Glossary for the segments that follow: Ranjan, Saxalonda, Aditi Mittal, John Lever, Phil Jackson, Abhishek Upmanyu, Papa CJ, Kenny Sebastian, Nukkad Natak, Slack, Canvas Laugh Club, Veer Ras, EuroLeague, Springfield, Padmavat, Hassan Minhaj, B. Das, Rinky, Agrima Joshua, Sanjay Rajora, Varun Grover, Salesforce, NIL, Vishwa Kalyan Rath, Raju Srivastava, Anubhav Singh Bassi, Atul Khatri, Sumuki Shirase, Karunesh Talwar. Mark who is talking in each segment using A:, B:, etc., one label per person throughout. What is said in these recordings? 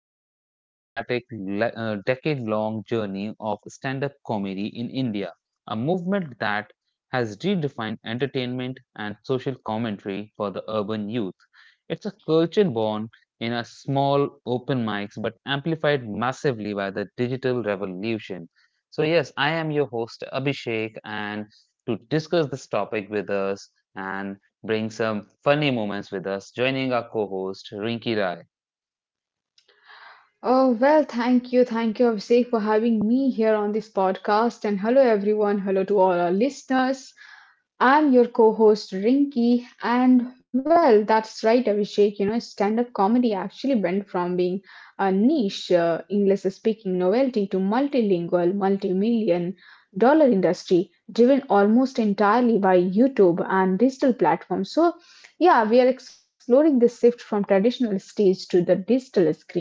A: trace the dramatic, decade long journey of stand up comedy in India, a movement that has redefined entertainment and social commentary for the urban youth. It's a culture born in a small open mics but amplified massively by the digital revolution. So, yes, I am your host, Abhishek, and to discuss this topic with us and bring some funny moments with us, joining our co host, Rinki Rai.
B: Oh, well, thank you. Thank you, Abhishek, for having me here on this podcast. And hello, everyone. Hello to all our listeners. I'm your co host, Rinky. And well, that's right, Abhishek. You know, stand up comedy actually went from being a niche English speaking novelty to multilingual, multi million dollar industry driven almost entirely by YouTube and digital platforms. So, yeah, we are exploring this shift from traditional stage to the digital screen.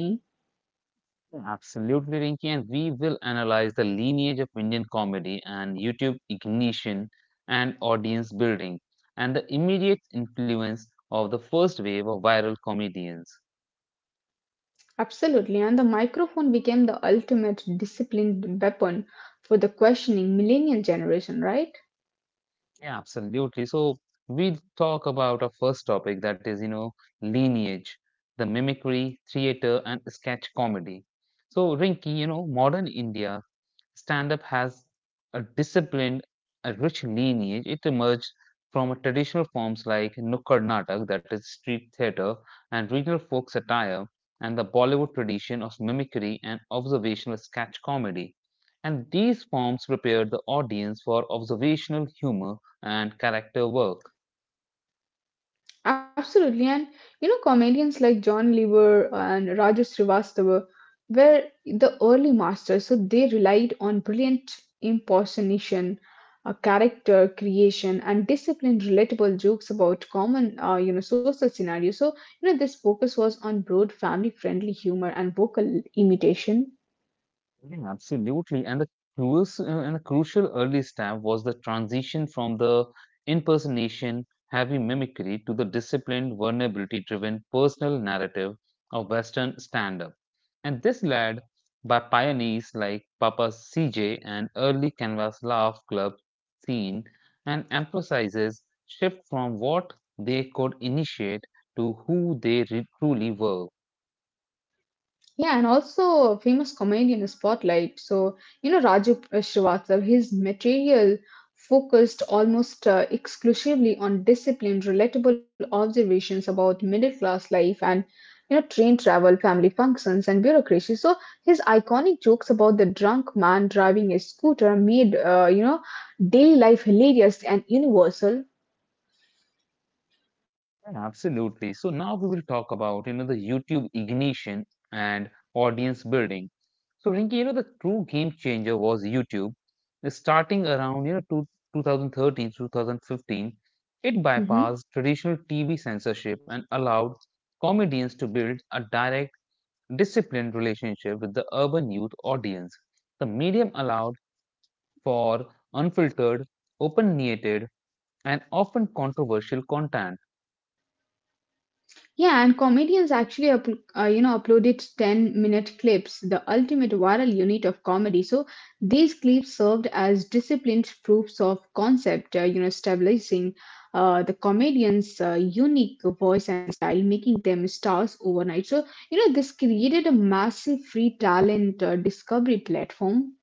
A: Absolutely, Rinki, and we will analyze the lineage of Indian comedy and YouTube ignition and audience building and the immediate influence of the first wave of viral comedians.
B: Absolutely, and the microphone became the ultimate disciplined weapon for the questioning millennial generation, right?
A: Yeah, absolutely. So we'll talk about our first topic, that is, you know, lineage, the mimicry, theater, and sketch comedy. So, Rinki, you know, modern India stand-up has a disciplined, a rich lineage. It emerged from traditional forms like Nukkad Natak, that is street theatre, and regional folk satire, and the Bollywood tradition of mimicry and observational sketch comedy. And these forms prepared the audience for observational humor and character work.
B: Absolutely, and you know, comedians like John Lever and Raju Srivastava were the early masters, so they relied on brilliant impersonation, character creation, and disciplined, relatable jokes about common, you know, social scenarios. So, you know, this focus was on broad, family-friendly humor and vocal imitation.
A: Yeah, absolutely. And the crucial early step was the transition from the impersonation heavy mimicry to the disciplined vulnerability driven personal narrative of Western stand up. And this led by pioneers like Papa CJ and early Canvas Laugh Club scene and emphasizes shift from what they could initiate to who they truly were.
B: Yeah, and also a famous comedian in the spotlight. So, you know, Raju Srivastav, his material focused almost exclusively on disciplined, relatable observations about middle class life and, you know, train travel, family functions, and bureaucracy. So, his iconic jokes about the drunk man driving a scooter made, you know, daily life hilarious and universal.
A: Yeah, absolutely. So now we will talk about, you know, the YouTube ignition and audience building. So Rinki, you know, the true game changer was YouTube. Starting around, you know, 2013, 2015, it
B: Mm-hmm.
A: bypassed traditional TV censorship and allowed comedians to build a direct, disciplined relationship with the urban youth audience. The medium allowed for unfiltered, opinionated, and often controversial content.
B: Yeah, and comedians actually you know uploaded 10-minute clips, the ultimate viral unit of comedy. So these clips served as disciplined proofs of concept, you know, stabilizing the comedian's unique voice and style, making them stars overnight. So you know this created a massive free talent discovery platform.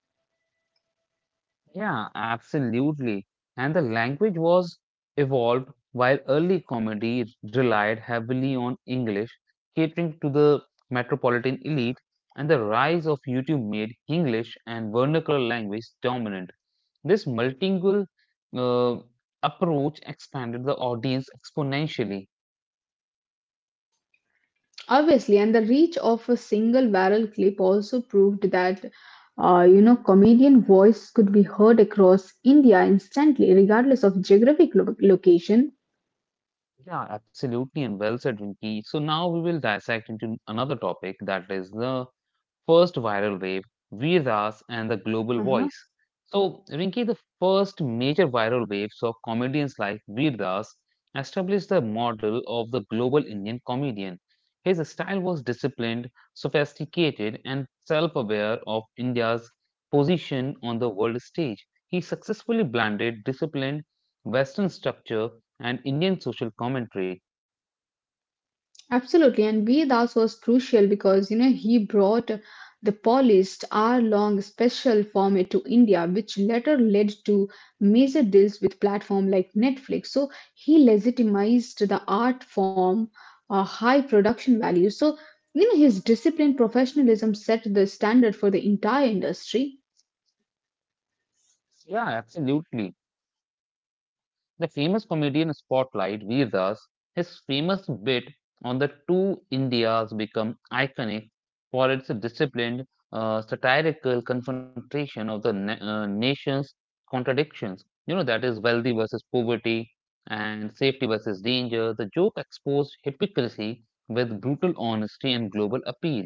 A: Yeah, absolutely. And the language was evolved while early comedy relied heavily on English, catering to the metropolitan elite, and the rise of YouTube made English and vernacular language dominant. This multilingual uh, approach expanded the audience exponentially.
B: Obviously, and the reach of a single viral clip also proved that you know comedian voice could be heard across India instantly, regardless of geographic location.
A: Yeah, absolutely, and well said, Rinki. So now we will dissect into another topic, that is the first viral wave, Veer Ras and the Global Voice. So, Rinki, the first major viral waves of comedians like Veer Ras established the model of the global Indian comedian. His style was disciplined, sophisticated, and self aware of India's position on the world stage. He successfully blended disciplined Western structure, and Indian social commentary.
B: Absolutely, and B. Das was crucial because you know he brought the polished hour-long special format to India, which later led to major deals with platform like Netflix. So he legitimized the art form, high production value. So you know his disciplined professionalism set the standard for the entire industry.
A: Yeah, absolutely. The famous comedian spotlight gives us his famous bit on the two Indias become iconic for its disciplined, satirical confrontation of the nation's contradictions. You know, that is wealthy versus poverty and safety versus danger. The joke exposed hypocrisy with brutal honesty and global appeal.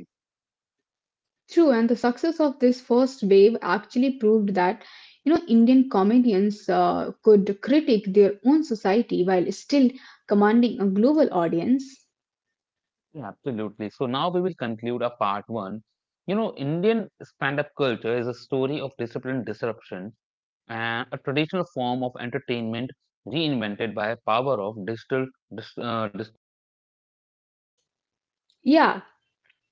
B: True, and the success of this first wave actually proved that you know Indian comedians could critique their own society while still commanding a global audience.
A: Yeah, absolutely. So now we will conclude our part one. You know, Indian stand up culture is a story of disciplined disruption, a traditional form of entertainment reinvented by a power of digital dis- uh, dis-
B: Yeah,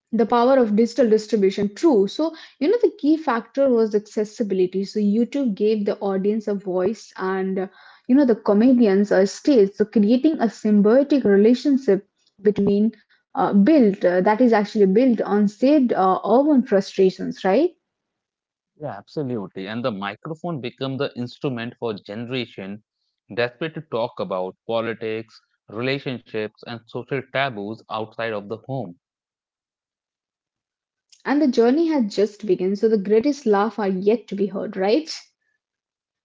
B: the power of digital distribution. True. So you know the key factor was accessibility. So YouTube gave the audience a voice, and you know the comedians a stage. So creating a symbiotic relationship between built that is actually built on said urban frustrations, right?
A: yeah, absolutely, and the microphone became the instrument for generation desperate to talk about politics, relationships, and social taboos outside of the home.
B: And the journey has just begun, so the greatest laugh are yet to be heard, right?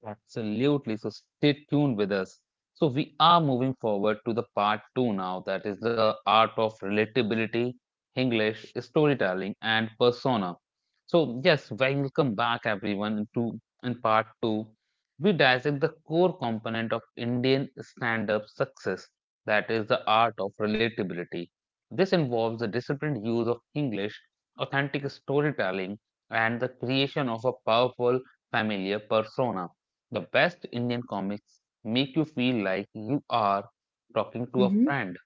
A: Absolutely. So stay tuned with us. So we are moving forward to the part two now, that is the art of relatability, English, storytelling, and persona. So yes, welcome back everyone to in part two. We dissect the core component of Indian stand-up success, that is the art of relatability. This involves the disciplined use of English, authentic storytelling, and the creation of a powerful familiar persona. The best Indian comics make you feel like you are talking to a
B: hmm
A: friend.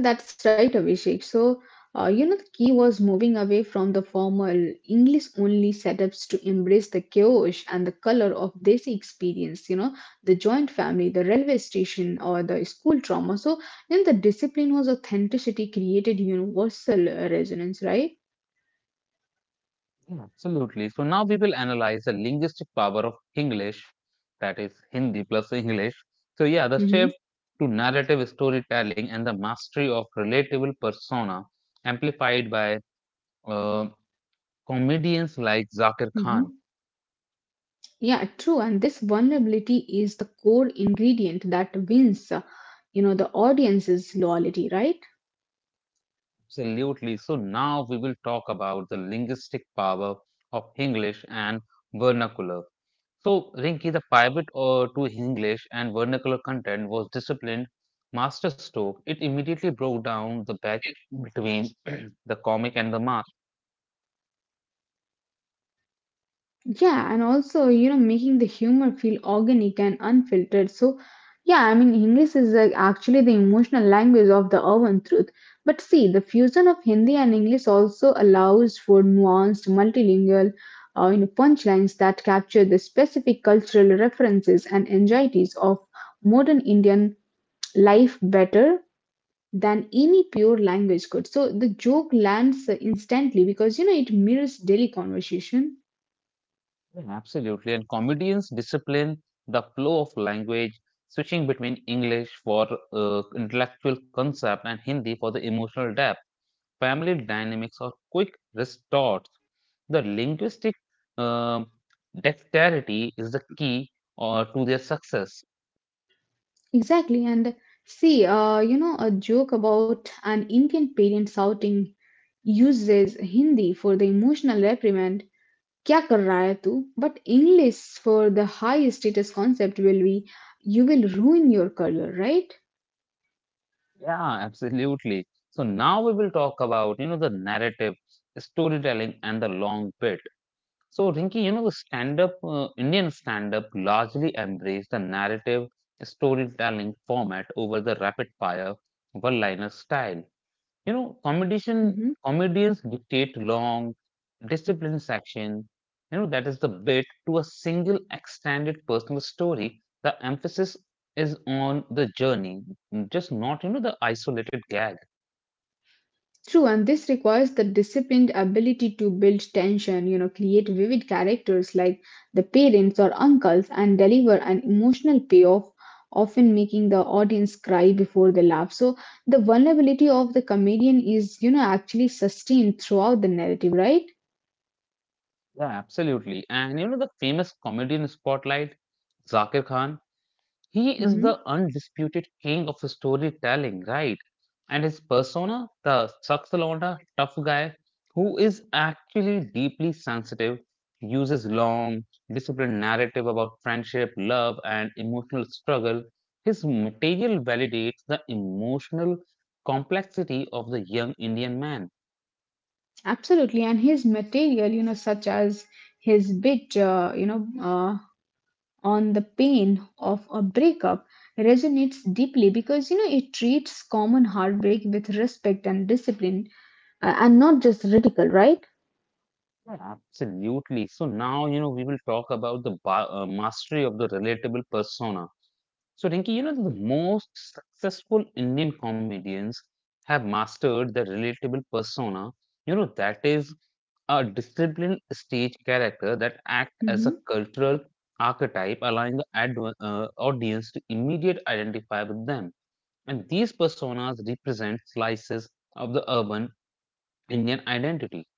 B: Well, that's right, Abhishek. So, you know, the key was moving away from the formal English only setups to embrace the chaos and the color of Desi experience, you know, the joint family, the railway station, or the school trauma. So, then the discipline was authenticity created universal resonance, right?
A: Yeah, absolutely. So now we will analyze the linguistic power of English, that is Hindi plus English. So yeah, the shift to narrative storytelling and the mastery of relatable persona amplified by uh, comedians like Zakir
B: Mm-hmm.
A: Khan.
B: Yeah, true. And this vulnerability is the core ingredient that wins, you know, the audience's loyalty, right?
A: Absolutely. So now we will talk about the linguistic power of English and vernacular. So Rinki, the pivot to English and vernacular content was disciplined masterstroke. It immediately broke down the barrier between the comic and the mass.
B: Yeah, and also, you know, making the humor feel organic and unfiltered. So, yeah, I mean, English is actually the emotional language of the urban truth. But see, the fusion of Hindi and English also allows for nuanced, multilingual, you know, punchlines that capture the specific cultural references and anxieties of modern Indian life better than any pure language could. So the joke lands instantly because you know it mirrors daily conversation.
A: Yeah, absolutely. And comedians discipline the flow of language, switching between English for intellectual concept and Hindi for the emotional depth. Family dynamics or quick retorts. The linguistic uh, dexterity is the key or to their success.
B: Exactly, and see, you know, a joke about an Indian parent shouting uses Hindi for the emotional reprimand. "Kya kar raha hai tu?" But English for the high status concept will be you will ruin your career, right?
A: Yeah, absolutely. So now we will talk about, you know, the narrative, storytelling, and the long bit. So Rinki, you know, the stand-up Indian stand-up largely embraced the narrative storytelling format over the rapid-fire one-liner style. You know, competition comedians dictate long, disciplined section. You know, that is the bit to a single extended personal story. The emphasis is on the journey, just not you know the isolated gag.
B: True, and this requires the disciplined ability to build tension, you know, create vivid characters like the parents or uncles, and deliver an emotional payoff, often making the audience cry before they laugh. So, the vulnerability of the comedian is, you know, actually sustained throughout the narrative, right?
A: Yeah, absolutely. And you know the famous comedian spotlight, Zakir Khan. He is the
B: hmm
A: undisputed king of storytelling, right? And his persona, the Saxalonda tough guy, who is actually deeply sensitive, uses long, disciplined narrative about friendship, love, and emotional struggle. His material validates the emotional complexity of the young Indian man.
B: Absolutely, and his material, you know, such as his bit on the pain of a breakup resonates deeply because you know it treats common heartbreak with respect and discipline and not just ridicule, right?
A: Yeah, absolutely. So now, you know, we will talk about the mastery of the relatable persona. So, Rinki, you know, the most successful Indian comedians have mastered the relatable persona. You know, that is a disciplined stage character that acts as
B: Mhm.
A: a cultural archetype, allowing the audience to immediately identify with them. And these personas represent slices of the urban Indian identity.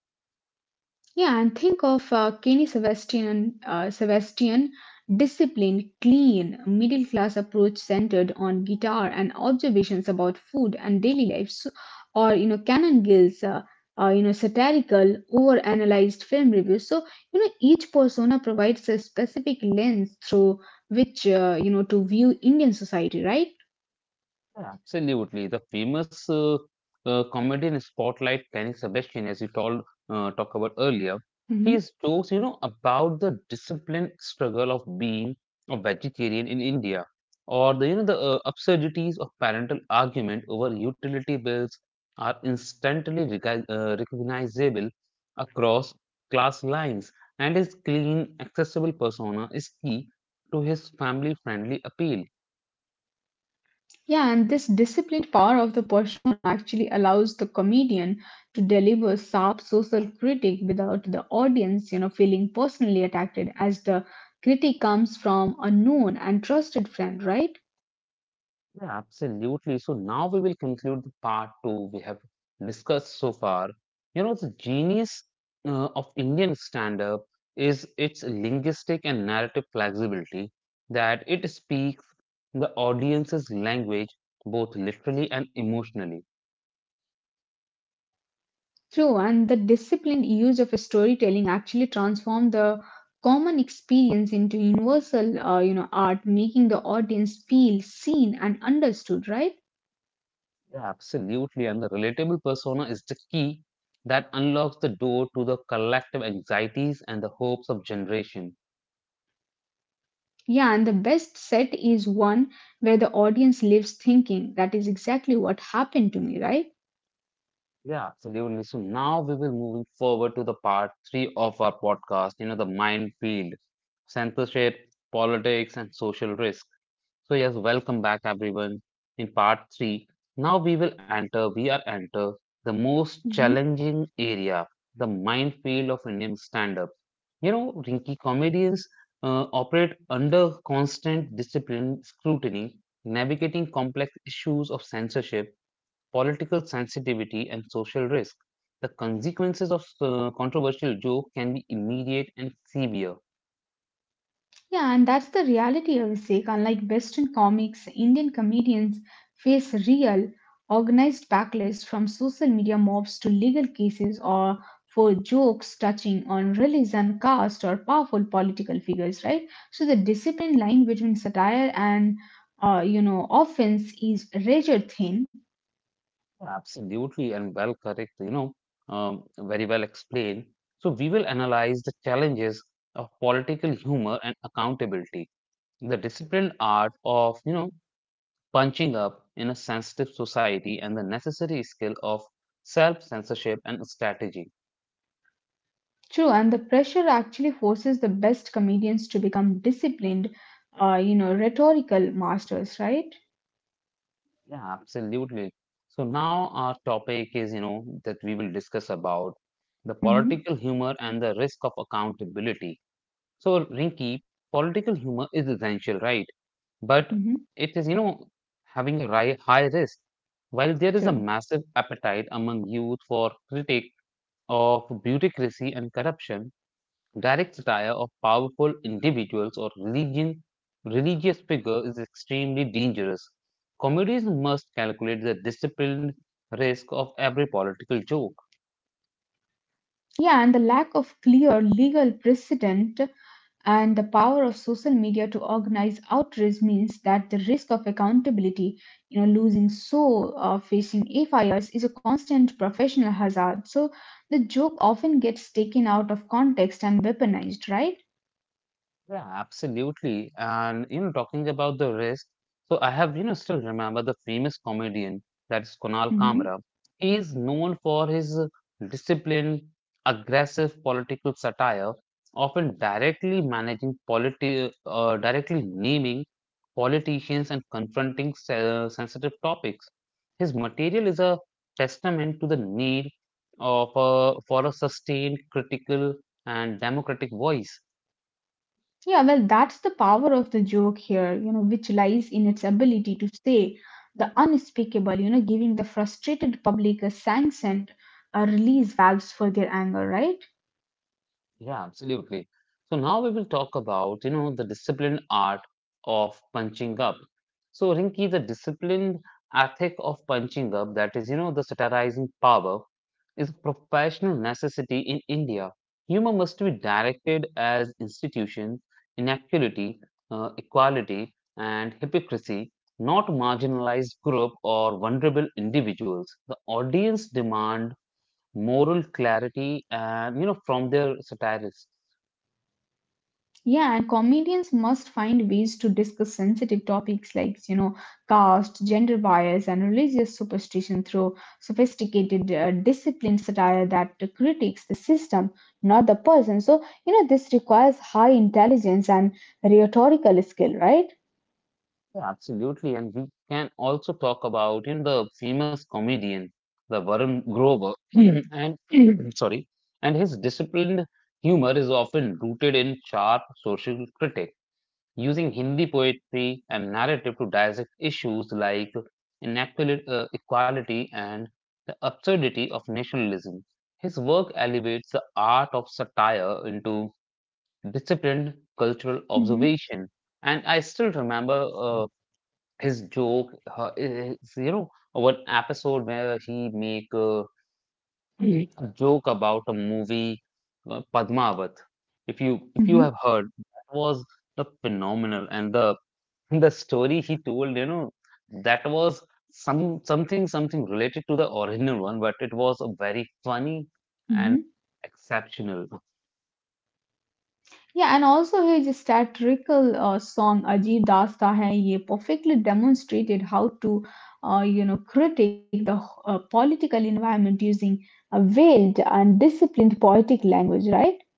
B: Yeah, and think of Sebastian, disciplined, clean, middle class approach centered on guitar and observations about food and daily life. So, or you know, Canon Gill's, you know, satirical, overanalyzed film reviews. So you know, each persona provides a specific lens through which you know to view Indian society, right?
A: Yeah, absolutely. The famous comedian spotlight Kenny Sebastian, as you told, talked about earlier,
B: Mhm.
A: his jokes, you know, about the discipline struggle of being a vegetarian in India, or the, you know, the absurdities of parental argument over utility bills are instantly recognizable across class lines, and his clean, accessible persona is key to his family-friendly appeal.
B: Yeah, and this disciplined power of the persona actually allows the comedian to deliver sharp social critique without the audience, you know, feeling personally attacked as the critique comes from a known and trusted friend, right?
A: Yeah, absolutely. So now we will conclude the part two we have discussed so far. You know, the genius of Indian stand up is its linguistic and narrative flexibility, that it speaks the audience's language both literally and emotionally.
B: True, and the disciplined use of storytelling actually transform the common experience into universal, you know, art, making the audience feel seen and understood, right?
A: Yeah, absolutely. And the relatable persona is the key that unlocks the door to the collective anxieties and the hopes of generation.
B: Yeah, and the best set is one where the audience lives thinking that is exactly what happened to me, right?
A: Yeah, absolutely. So now we will moving forward to the part three of our podcast, you know, the minefield, censorship, politics, and social risk. So yes, welcome back everyone. In part three, now we are enter the most
B: Mhm.
A: challenging area, the minefield of Indian stand-up. You know, Rinky comedians operate under constant discipline, scrutiny, navigating complex issues of censorship, political sensitivity, and social risk. The consequences of controversial joke can be immediate and severe.
B: Yeah, and that's the reality of Sikh. Unlike Western comics, Indian comedians face real, organized backlash from social media mobs to legal cases or for jokes touching on religion, caste, or powerful political figures, right? So the discipline line between satire and, you know, offense is razor thin.
A: Absolutely, and well correct, you know, very well explained. So, we will analyze the challenges of political humor and accountability, the disciplined art of, you know, punching up in a sensitive society, and the necessary skill of self censorship and strategy.
B: True, and the pressure actually forces the best comedians to become disciplined, you know, rhetorical masters, right?
A: Yeah, absolutely. So, now our topic is, you know, that we will discuss about the
B: Mm-hmm.
A: political humor and the risk of accountability. So, Rinky, political humor is essential, right? But
B: Mm-hmm.
A: it is, you know, having a high risk. While there is a massive appetite among youth for critique of bureaucracy and corruption, direct satire of powerful individuals or religion, religious figure is extremely dangerous. Comedies must calculate the disciplined risk of every political joke.
B: Yeah, and the lack of clear legal precedent and the power of social media to organize outrage means that the risk of accountability, you know, losing so or facing FIRs is a constant professional hazard. So the joke often gets taken out of context and weaponized, right?
A: Yeah, absolutely. And you know, talking about the risk, so I have you know still remember the famous comedian, that is Kunal
B: hmm
A: Kamra. He is known for his disciplined, aggressive political satire, often directly naming politicians and confronting sensitive topics. His material is a testament to the need of a, for a sustained, critical, and democratic voice.
B: Yeah, well, that's the power of the joke here, you know, which lies in its ability to say the unspeakable, you know, giving the frustrated public a sanctioned a release valves for their anger, right?
A: Yeah, absolutely. So now we will talk about, you know, the disciplined art of punching up. So Rinki, the disciplined ethic of punching up, that is, you know, the satirizing power, is a professional necessity in India. Humor must be directed as institutions, inequality, equality, and hypocrisy, not marginalized group or vulnerable individuals. The audience demand moral clarity and you know from their satirists.
B: Yeah, and comedians must find ways to discuss sensitive topics like, you know, caste, gender bias, and religious superstition through sophisticated, disciplined satire that critiques the system, not the person. So, you know, this requires high intelligence and rhetorical skill, right?
A: Yeah, absolutely. And we can also talk about in the famous comedian, the Varun Grover, and sorry, and his disciplined humor is often rooted in sharp social critique, using Hindi poetry and narrative to dissect issues like equality and the absurdity of nationalism. His work elevates the art of satire into disciplined cultural
B: hmm
A: observation. And I still remember his joke, it's, you know, one episode where he make Mhm. a joke about a movie, Padmavat. If you
B: hmm
A: have heard, that was the phenomenal and the the story he told, you know, that was some something related to the original one, but it was a very funny and
B: hmm
A: exceptional.
B: Yeah, and also his satirical song Ajib Dasta Hai, ye perfectly demonstrated how to you know, critique the political environment using a veiled and disciplined poetic language, right?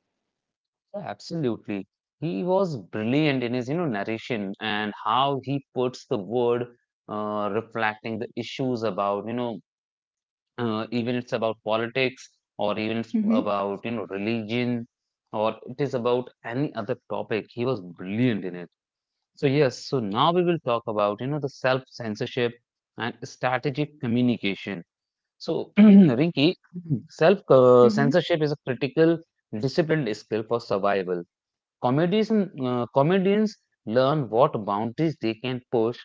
A: Yeah, absolutely. He was brilliant in his, narration and how he puts the word reflecting the issues about, even it's about politics, or even it's
B: hmm
A: about, religion, or it is about any other topic. He was brilliant in it. So yes, now we will talk about, the self-censorship and strategic communication. So, Rinki,
B: hmm
A: self-censorship is a critical disciplined skill for survival. Comedians, comedians learn what boundaries they can push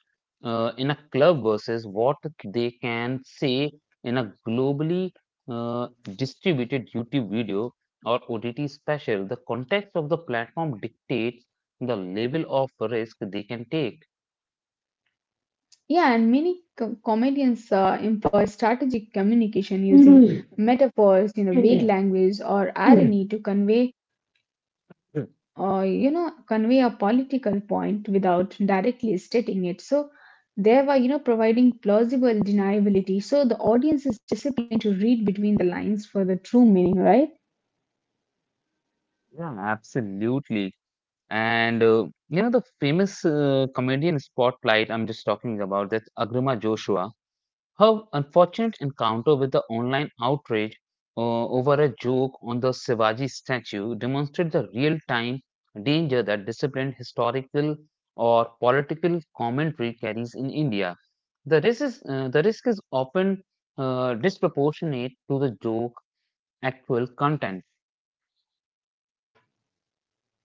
A: in a club versus what they can say in a globally uh, distributed YouTube video or OTT special. The context of the platform dictates the level of risk they can take.
B: Yeah, and many comedians employ strategic communication using metaphors, you know, vague language or irony to convey, or you know, convey a political point without directly stating it. So, thereby, you know, providing plausible deniability, so the audience is disciplined to read between the lines for the true meaning, right?
A: Yeah, absolutely. And you know the famous comedian spotlight I'm just talking about, that's Agrima Joshua. Her unfortunate encounter with the online outrage over a joke on the Shivaji statue demonstrates the real time danger that disciplined historical or political commentary carries in India. The risk is often disproportionate to the joke actual content.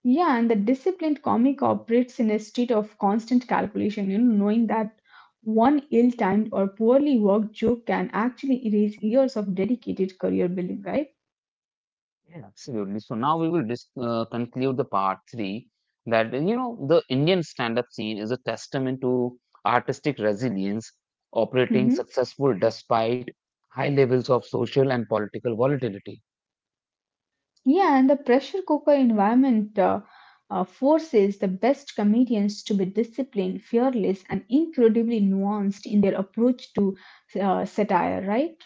B: Yeah, and the disciplined comic operates in a state of constant calculation, you know, knowing that one ill-timed or poorly worked joke can actually erase years of dedicated career building, right?
A: Yeah. Absolutely. So now we will conclude the part three. That the Indian stand-up scene is a testament to artistic resilience, operating
B: hmm
A: successful despite high levels of social and political volatility.
B: Yeah, and the pressure cooker environment forces the best comedians to be disciplined, fearless, and incredibly nuanced in their approach to satire, right?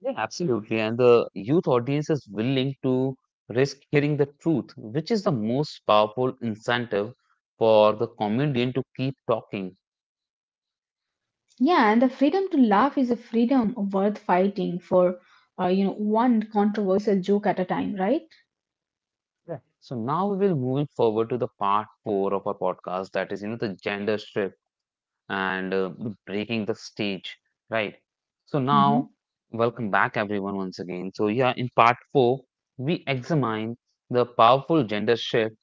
A: Yeah, absolutely. And the youth audience is willing to risk hearing the truth, which is the most powerful incentive for the comedian to keep talking.
B: Yeah, and the freedom to laugh is a freedom worth fighting for, you know, one controversial joke at a time, right?
A: Yeah. So now we will moving forward to the part four of our podcast, that is, the gender shift and breaking the stage, right? So
B: Mhm.
A: now, welcome back everyone once again. So yeah, in part four, we examine the powerful gender shift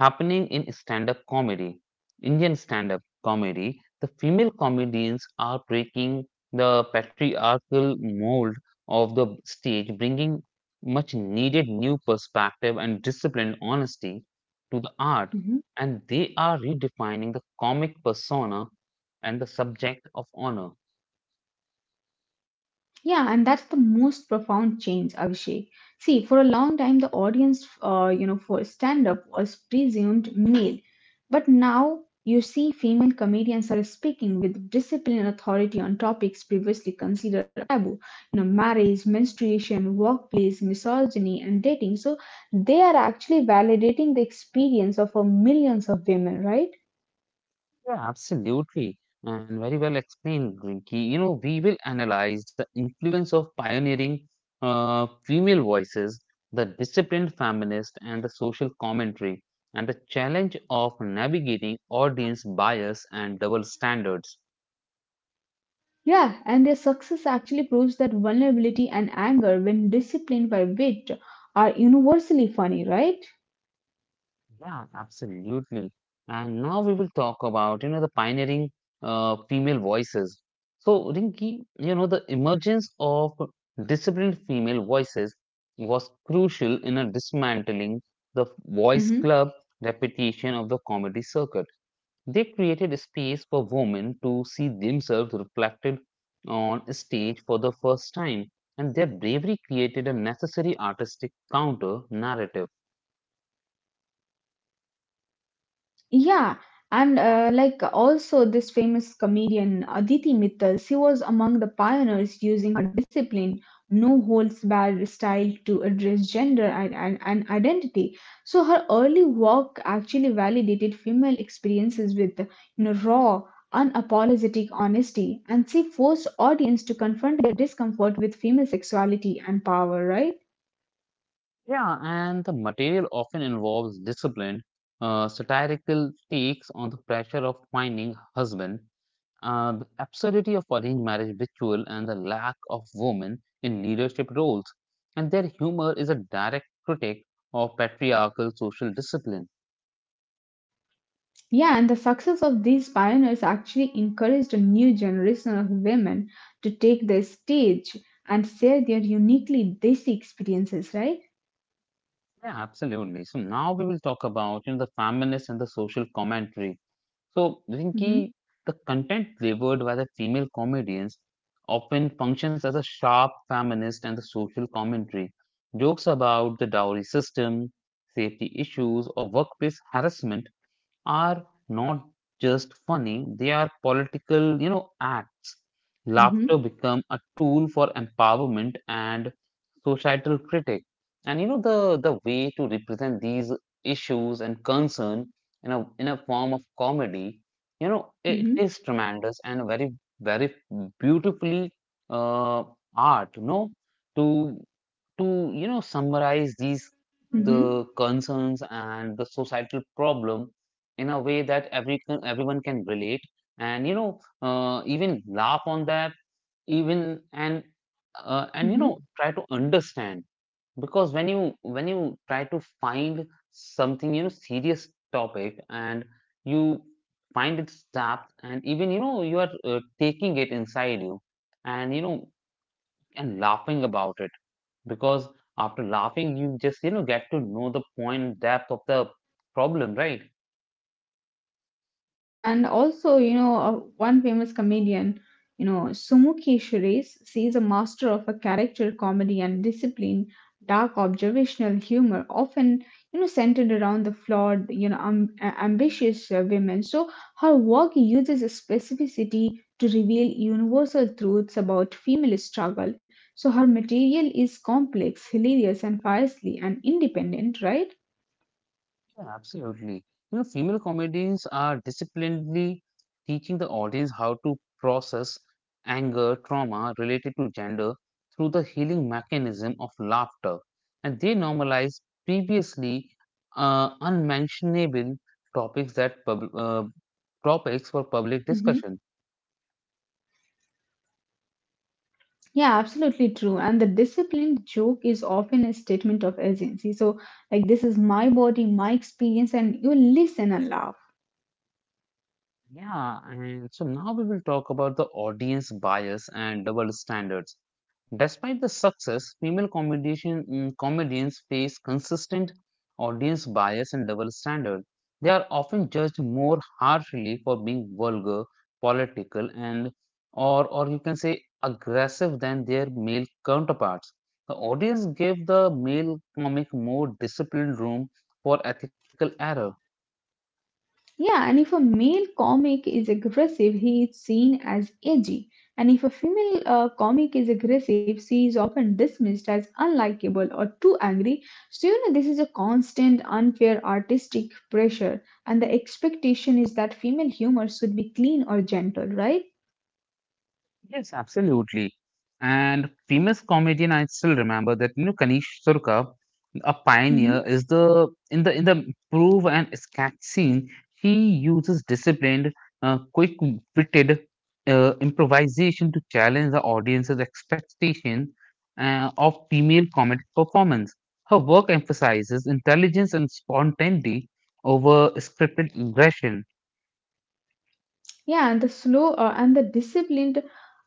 A: happening in stand-up comedy, Indian stand-up comedy. The female comedians are breaking the patriarchal mold of the stage, bringing much needed new perspective and disciplined honesty to the art,
B: Mhm.
A: and they are redefining the comic persona and the subject of honor.
B: Yeah, and that's the most profound change, Abhishek. See, for a long time, the audience, you know, for stand-up was presumed male, but now you see female comedians are speaking with discipline and authority on topics previously considered a taboo. You know, marriage, menstruation, workplace, misogyny, and dating. So they are actually validating the experience of millions of women, right?
A: Yeah, absolutely. And very well explained, Rinki. You know, we will analyze the influence of pioneering female voices, the disciplined feminist, and the social commentary, and the challenge of navigating audience bias and double standards.
B: Yeah, and their success actually proves that vulnerability and anger, when disciplined by wit, are universally funny, right?
A: Yeah, absolutely. And now we will talk about, the pioneering female voices. So, Rinki, you know, the emergence of disciplined female voices was crucial in a dismantling the voice club reputation of the comedy circuit. They created a space for women to see themselves reflected on stage for the first time, and their bravery created a necessary artistic counter narrative.
B: Yeah, and like also this famous comedian Aditi Mittal, she was among the pioneers using her discipline, no holds barred style to address gender and identity. So her early work actually validated female experiences with you know raw, unapologetic honesty, and she forced audience to confront their discomfort with female sexuality and power, right?
A: Yeah, and the material often involves disciplined, satirical takes on the pressure of finding husband, the absurdity of arranged marriage ritual, and the lack of women in leadership roles. And their humor is a direct critic of patriarchal social discipline.
B: Yeah, and the success of these pioneers actually encouraged a new generation of women to take the stage and share their uniquely desi experiences, right?
A: Yeah, absolutely. So now we will talk about, you know, the feminist and the social commentary. So,
B: Mm-hmm,
A: Rinki, the content delivered by the female comedians often functions as a sharp feminist and the social commentary. Jokes about the dowry system, safety issues, or workplace harassment are not just funny, they are political, you know, acts.
B: mm-hmm,
A: Laughter become a tool for empowerment and societal critic. And you know the way to represent these issues and concern in a form of comedy, you know, it
B: mm-hmm,
A: is tremendous and very beautifully uh, art, you know, to to you know summarize these the
B: mm-hmm,
A: concerns and the societal problem in a way that everyone can relate, and you know even laugh on that even, and you
B: mm-hmm.
A: know try to understand, because when you try to find something, you know, serious topic, and you find its depth, and even you know you are taking it inside you, and you know, and laughing about it, because after laughing you just you know get to know the point depth of the problem, right?
B: True, and also, you know, one famous comedian, you know, Sumuki Shirase, she's a master of a character comedy and discipline, dark observational humor, often, you know, centered around the flawed, you know, ambitious women. So her work uses a specificity to reveal universal truths about female struggle. So her material is complex, hilarious, and fiercely and independent, right?
A: Yeah, absolutely. You know, female comedians are disciplinedly teaching the audience how to process anger, trauma related to gender through the healing mechanism of laughter. And they normalize previously unmentionable topics that pub- uh, topics for public
B: Mhm.
A: discussion.
B: Yeah, absolutely true. And the disciplined joke is often a statement of agency. So, like, this is my body, my experience, and you listen and laugh.
A: Yeah, and so now we will talk about the audience bias and double standards. Despite the success, female comedians face consistent audience bias and double standard. They are often judged more harshly for being vulgar, political, and or you can say aggressive than their male counterparts. The audience gave the male comic more disciplined room for ethical error.
B: Yeah, and if a male comic is aggressive, he is seen as edgy. And if a female comic is aggressive, she is often dismissed as unlikable or too angry. So, you know, this is a constant unfair artistic pressure. And the expectation is that female humor should be clean or gentle, right?
A: Yes, absolutely. And famous comedian, I still remember that you know Kanish Surka, a pioneer,
B: Hmm.
A: is the in the prove and sketch scene. She uses disciplined, quick-witted improvisation to challenge the audience's expectation of female comedic performance. Her work emphasizes intelligence and spontaneity over scripted aggression.
B: Yeah, and the slow and the disciplined,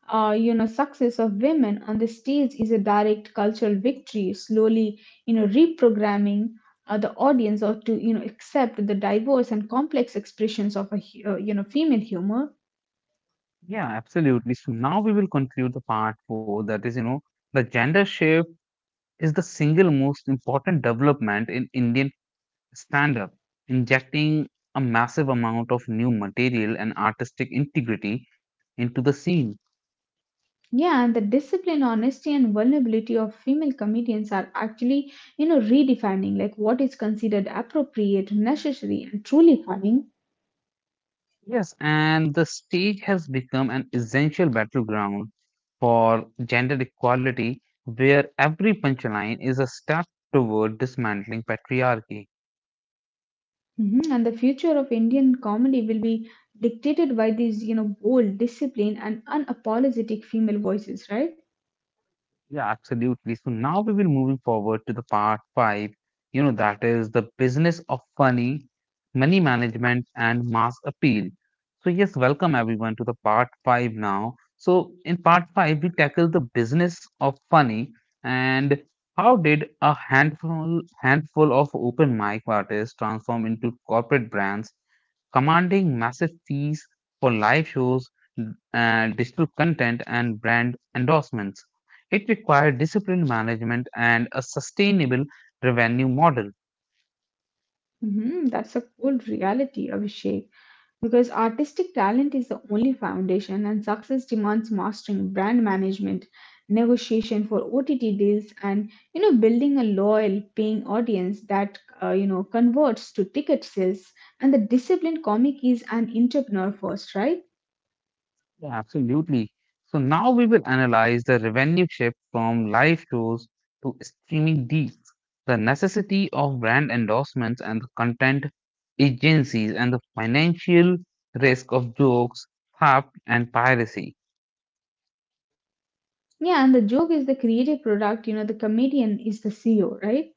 B: success of women on the stage is a direct cultural victory. Slowly, reprogramming the audience or to accept the diverse and complex expressions of a hu- you know female humor.
A: Yeah, absolutely. So now we will conclude the part four, that is, you know, the gender shift is the single most important development in Indian stand up, injecting a massive amount of new material and artistic integrity into the scene.
B: Yeah, and the discipline, honesty, and vulnerability of female comedians are actually redefining like what is considered appropriate, necessary, and truly funny.
A: Yes, and the stage has become an essential battleground for gender equality, where every punchline is a step toward dismantling patriarchy.
B: Mhm. And the future of Indian comedy will be dictated by these, you know, bold, disciplined, and unapologetic female voices, right?
A: Yeah, absolutely. So now we will moving forward to the part five, you know, that is the business of funny, money management and mass appeal. So yes, welcome everyone to the part five now. So in part five, we tackle the business of funny, and how did a handful of open mic artists transform into corporate brands commanding massive fees for live shows, digital content, and brand endorsements. It required disciplined management and a sustainable revenue model.
B: Hmm. That's a cold reality, Abhishek. Because artistic talent is the only foundation, and success demands mastering brand management, negotiation for OTT deals, and you know, building a loyal, paying audience that converts to ticket sales. And the disciplined comic is an entrepreneur first, right?
A: Yeah, absolutely. So now we will analyze the revenue shift from live shows to streaming deals, the necessity of brand endorsements and the content agencies, and the financial risk of jokes, theft, and piracy.
B: Yeah, and the joke is the creative product, you know, the comedian is the CEO, right?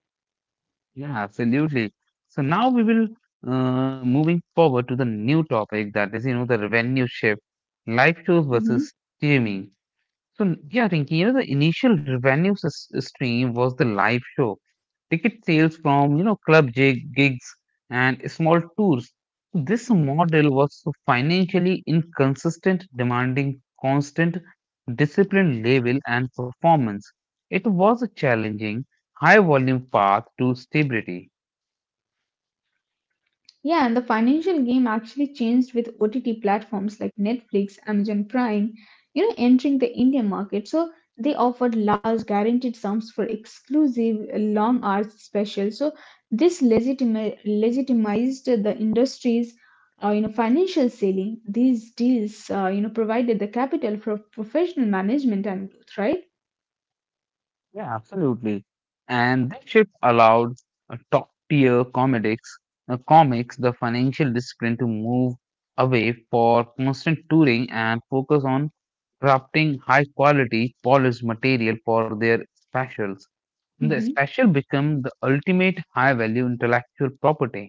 A: Yeah, absolutely. So now we will moving forward to the new topic, that is, you know, the revenue shift, live shows
B: Hmm.
A: versus streaming. Yeah, Rinki, you know the initial revenue stream was the live show, ticket sales from you know gigs and small tours. This model was so financially inconsistent, demanding constant discipline level and performance. It was a challenging, high volume path to stability.
B: Yeah, and the financial game actually changed with OTT platforms like Netflix, Amazon Prime, you know, entering the Indian market. So they offered large guaranteed sums for exclusive long hours specials. So this legitimized the industry's financial selling. These deals, provided the capital for professional management and growth, right?
A: Yeah, absolutely. And this shift allowed uh, top tier comics the financial discipline to move away for constant touring and focus on crafting high quality polished material for their specials. The
B: Hmm.
A: special become the ultimate high value intellectual property.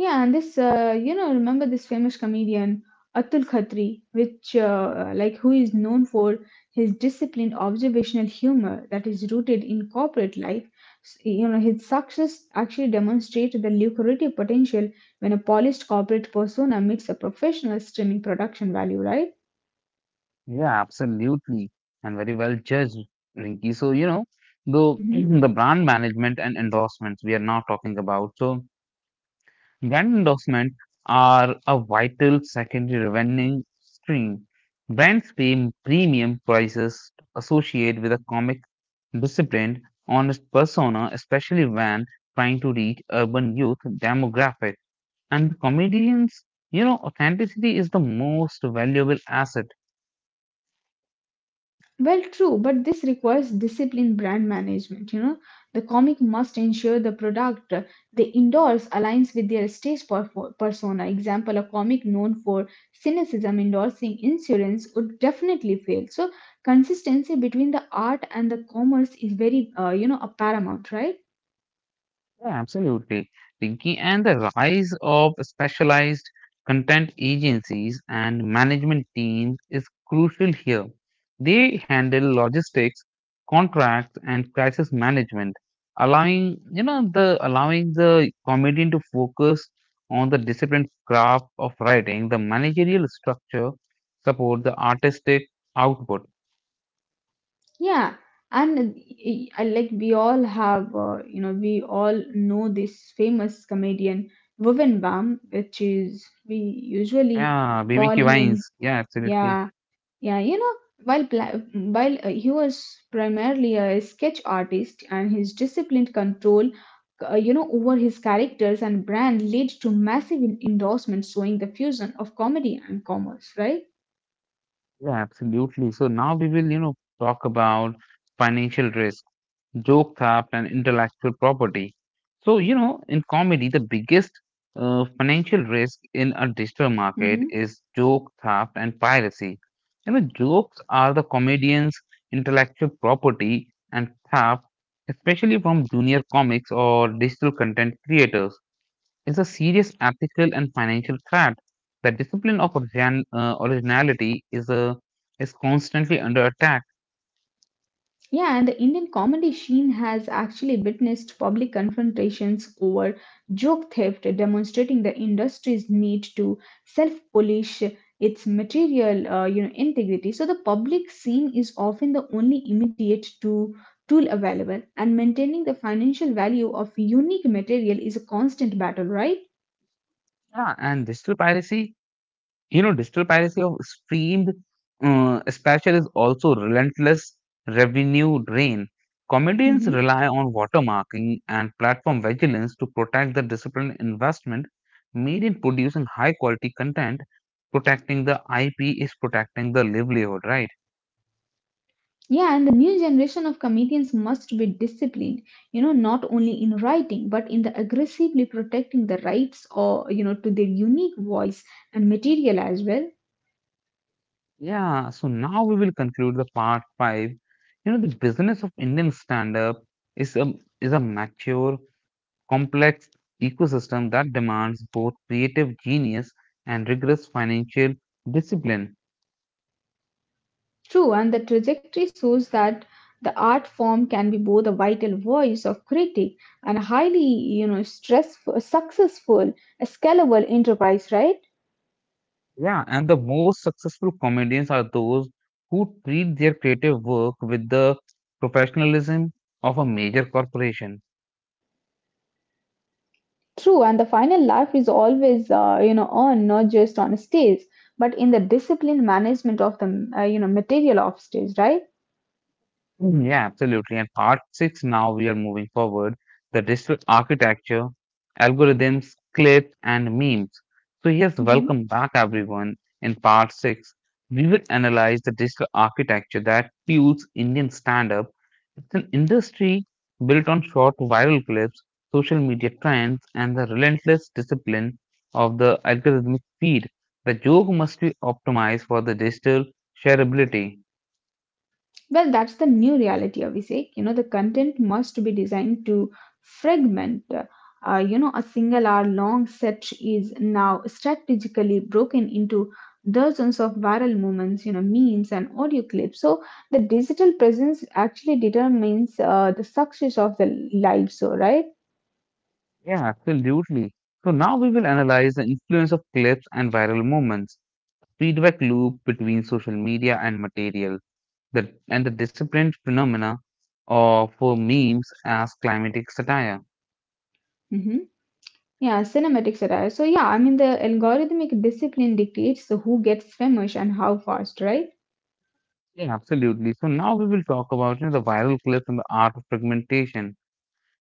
B: Yeah, and this, remember this famous comedian Atul Khatri, which, who is known for his disciplined observational humor that is rooted in corporate life. You know, his success actually demonstrated the lucrative potential when a polished corporate persona meets a professional streaming production value, right?
A: Yeah, absolutely. And very well judged, Rinky. So, you know, the
B: Mm-hmm.
A: the brand management and endorsements we are now talking about. So, brand endorsements are a vital secondary revenue stream. Brands pay premium prices associated with a comic disciplined, honest persona, especially when trying to reach urban youth demographic. And comedians, you know, authenticity is the most valuable asset.
B: Well, true, but this requires disciplined brand management. You know, the comic must ensure the product they endorse aligns with their persona. Example: a comic known for cynicism endorsing insurance would definitely fail. So, consistency between the art and the commerce is very, a paramount, right?
A: Yeah, absolutely. Pinky, and the rise of specialized content agencies and management teams is crucial here. They handle logistics, contracts, and crisis management, allowing the comedian to focus on the disciplined craft of writing. The managerial structure support the artistic output.
B: Yeah, and I like we all have, we all know this famous comedian Bhuvan Bam, which is we usually
A: Yeah,
B: call
A: BBQ
B: him.
A: Vines. Yeah, absolutely.
B: Yeah, yeah, you know, while he was primarily a sketch artist, and his disciplined control, over his characters and brand led to massive endorsements showing the fusion of comedy and commerce, right?
A: Yeah, absolutely. So now we will you know talk about financial risk, joke theft and intellectual property. So, you know, in comedy, the biggest financial risk in a digital market
B: Mm-hmm.
A: is joke theft and piracy. You know, jokes are the comedian's intellectual property, and theft, especially from junior comics or digital content creators, is a serious ethical and financial threat. The discipline of originality is, constantly under attack.
B: Yeah, and the Indian comedy scene has actually witnessed public confrontations over joke theft, demonstrating the industry's need to self-polish its material, integrity. So the public scene is often the only immediate to tool available, and maintaining the financial value of unique material is a constant battle, right?
A: Yeah, and digital piracy, you know, digital piracy of streamed special is also relentless revenue drain. Comedians
B: Mhm.
A: rely on watermarking and platform vigilance to protect the disciplined investment made in producing high quality content. Protecting the IP is protecting the livelihood, right?
B: Yeah, and the new generation of comedians must be disciplined, you know, not only in writing, but in the aggressively protecting the rights or, you know, to their unique voice and material as well.
A: Yeah, so now we will conclude the part five. You know, the business of Indian stand up is a, is a mature complex ecosystem that demands both creative genius and rigorous financial discipline.
B: True, and the trajectory shows that the art form can be both a vital voice of critic and a highly, you know, stressful, successful, a scalable enterprise, right?
A: Yeah, and the most successful comedians are those who treat their creative work with the professionalism of a major corporation.
B: True, and the final laugh is always, on not just on stage, but in the disciplined management of the, material of stage, right?
A: Mm, yeah, absolutely. And part six, now we are moving forward the digital architecture, algorithms, clips, and memes. So, yes,
B: Mhm.
A: welcome back, everyone. In part six, we will analyze the digital architecture that fuels Indian stand up. It's an industry built on short viral clips, social media trends, and the relentless discipline of the algorithmic feed. The joke must be optimized for the digital shareability.
B: Well, that's the new reality, Abhishek. You know, the content must be designed to fragment. A single hour long set is now strategically broken into dozens of viral moments, you know, memes and audio clips. So the digital presence actually determines the success of the live show, right?
A: Yeah, absolutely. So now we will analyze the influence of clips and viral moments, feedback loop between social media and material, the, and the disciplined phenomena of for memes as climatic satire.
B: Yeah, cinematic satire. So yeah, I mean the algorithmic discipline dictates who gets famous and how fast, right?
A: Yeah, absolutely. So now we will talk about, you know, the viral clips and the art of fragmentation.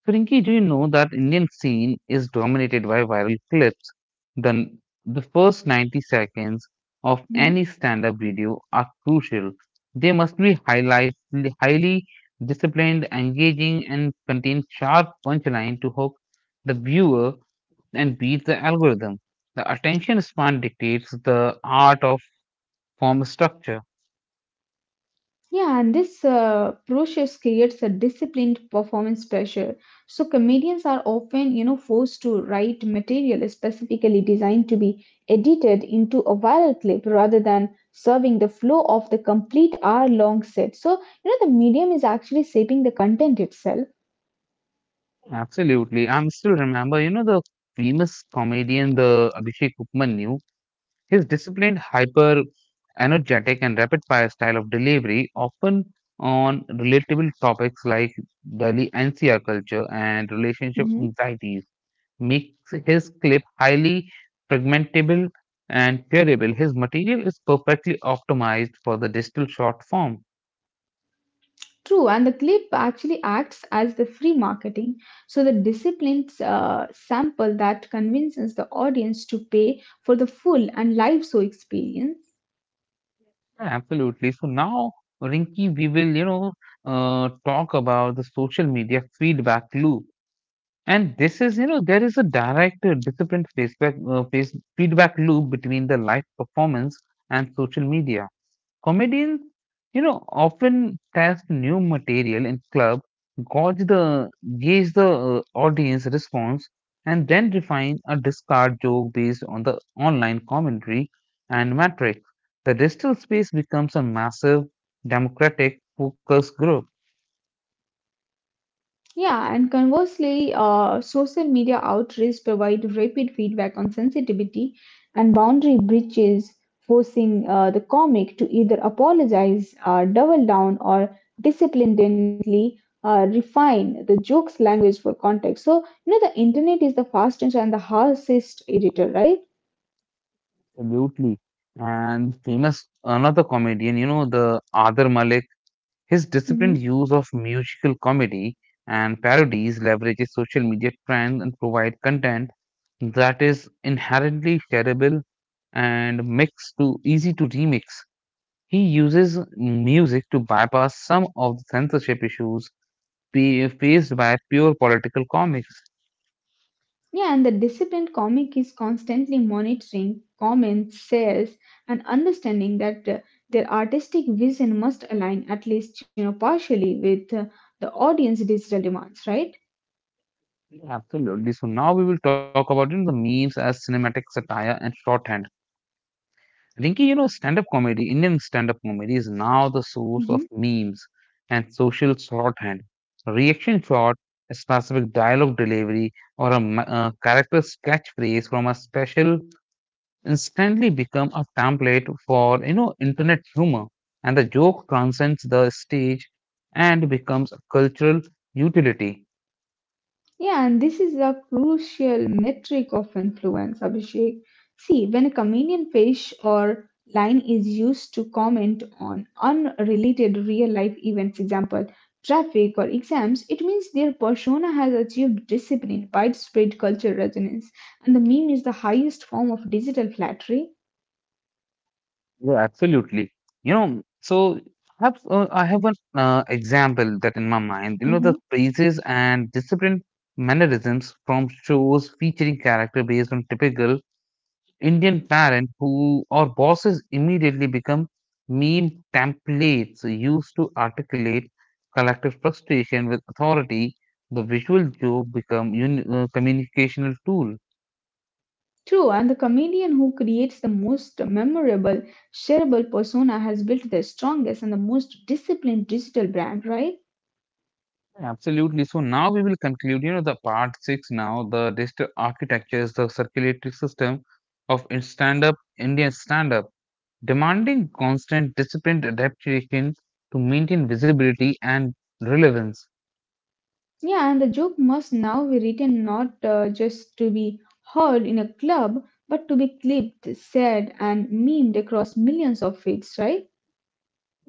A: So, Rinki, do you know that Indian scene is dominated by viral clips? Then the first 90 seconds of
B: Mhm.
A: any stand up video are crucial. They must be highly disciplined, engaging, and contain sharp punchline to hook the viewer and beat the algorithm. The attention span dictates the art of form structure.
B: Yeah, and this process creates a disciplined performance pressure. So comedians are often, you know, forced to write material specifically designed to be edited into a viral clip rather than serving the flow of the complete hour-long set. So, you know, the medium is actually shaping the content itself.
A: Absolutely. I'm still remember, you know, the famous comedian, the Abhishek Upmanyu. His disciplined, hyper energetic, and rapid fire style of delivery, often on relatable topics like Delhi NCR culture and relationship
B: Mm-hmm.
A: anxieties, makes his clip highly fragmentable and shareable. His material is perfectly optimized for the digital short form.
B: True, and the clip actually acts as the free marketing. So the disciplined sample that convinces the audience to pay for the full and live show experience.
A: Yeah, absolutely. So now, Rinki, we will, you know, talk about the social media feedback loop. And this is, you know, there is a direct disciplined feedback loop between the live performance and social media. Comedians, you know, often test new material in club, gauge the gauge the audience response, and then refine a discard joke based on the online commentary and metrics. The digital space becomes a massive democratic focus group.
B: Yeah, and conversely, social media outrage provide rapid feedback on sensitivity and boundary breaches, forcing the comic to either apologize, double down, or discipline gently, refine the joke's language for context. So, you know, the internet is the fastest and the harshest editor, right?
A: Absolutely. And famous another comedian, you know, the Adar Malik, his disciplined
B: Mhm.
A: use of musical comedy and parodies leverages social media trends and provide content that is inherently shareable and mixed to easy to remix. He uses music to bypass some of the censorship issues faced by pure political comics.
B: Yeah, and the disciplined comic is constantly monitoring comments, sales, and understanding that their artistic vision must align at least partially with the audience digital demands, right?
A: Absolutely. So now we will talk about you know, the memes as cinematic satire and shorthand. Rinki, you know, stand up comedy, Indian stand up comedy is now the source of
B: Mhm.
A: memes and social shorthand. A reaction shot, a specific dialogue delivery, or a, a character's catchphrase from a special instantly become a template for, you know, internet humor. And the joke transcends the stage and becomes a cultural utility.
B: Yeah, and this is a crucial metric of influence, Abhishek. See, when a comedian fish or line is used to comment on unrelated real life events, example, traffic or exams, it means their persona has achieved discipline, widespread cultural resonance, and the meme is the highest form of digital flattery.
A: Yeah, absolutely. You know, so I have an example that in my mind, you know, the
B: Mhm.
A: phrases and disciplined mannerisms from shows featuring character based on typical Indian parent who or bosses immediately become meme templates used to articulate collective frustration with authority. The visual joke become communicational tool.
B: True, and the comedian who creates the most memorable, shareable persona has built the strongest and the most disciplined digital brand, right?
A: Absolutely. So now we will conclude, you know, the part six now, the digital architectures, the circulatory system of stand-up, Indian stand-up, demanding constant disciplined adaptation to maintain visibility and relevance.
B: Yeah, and the joke must now be written not just to be heard in a club, but to be clipped, said, and memed across millions of feeds, right?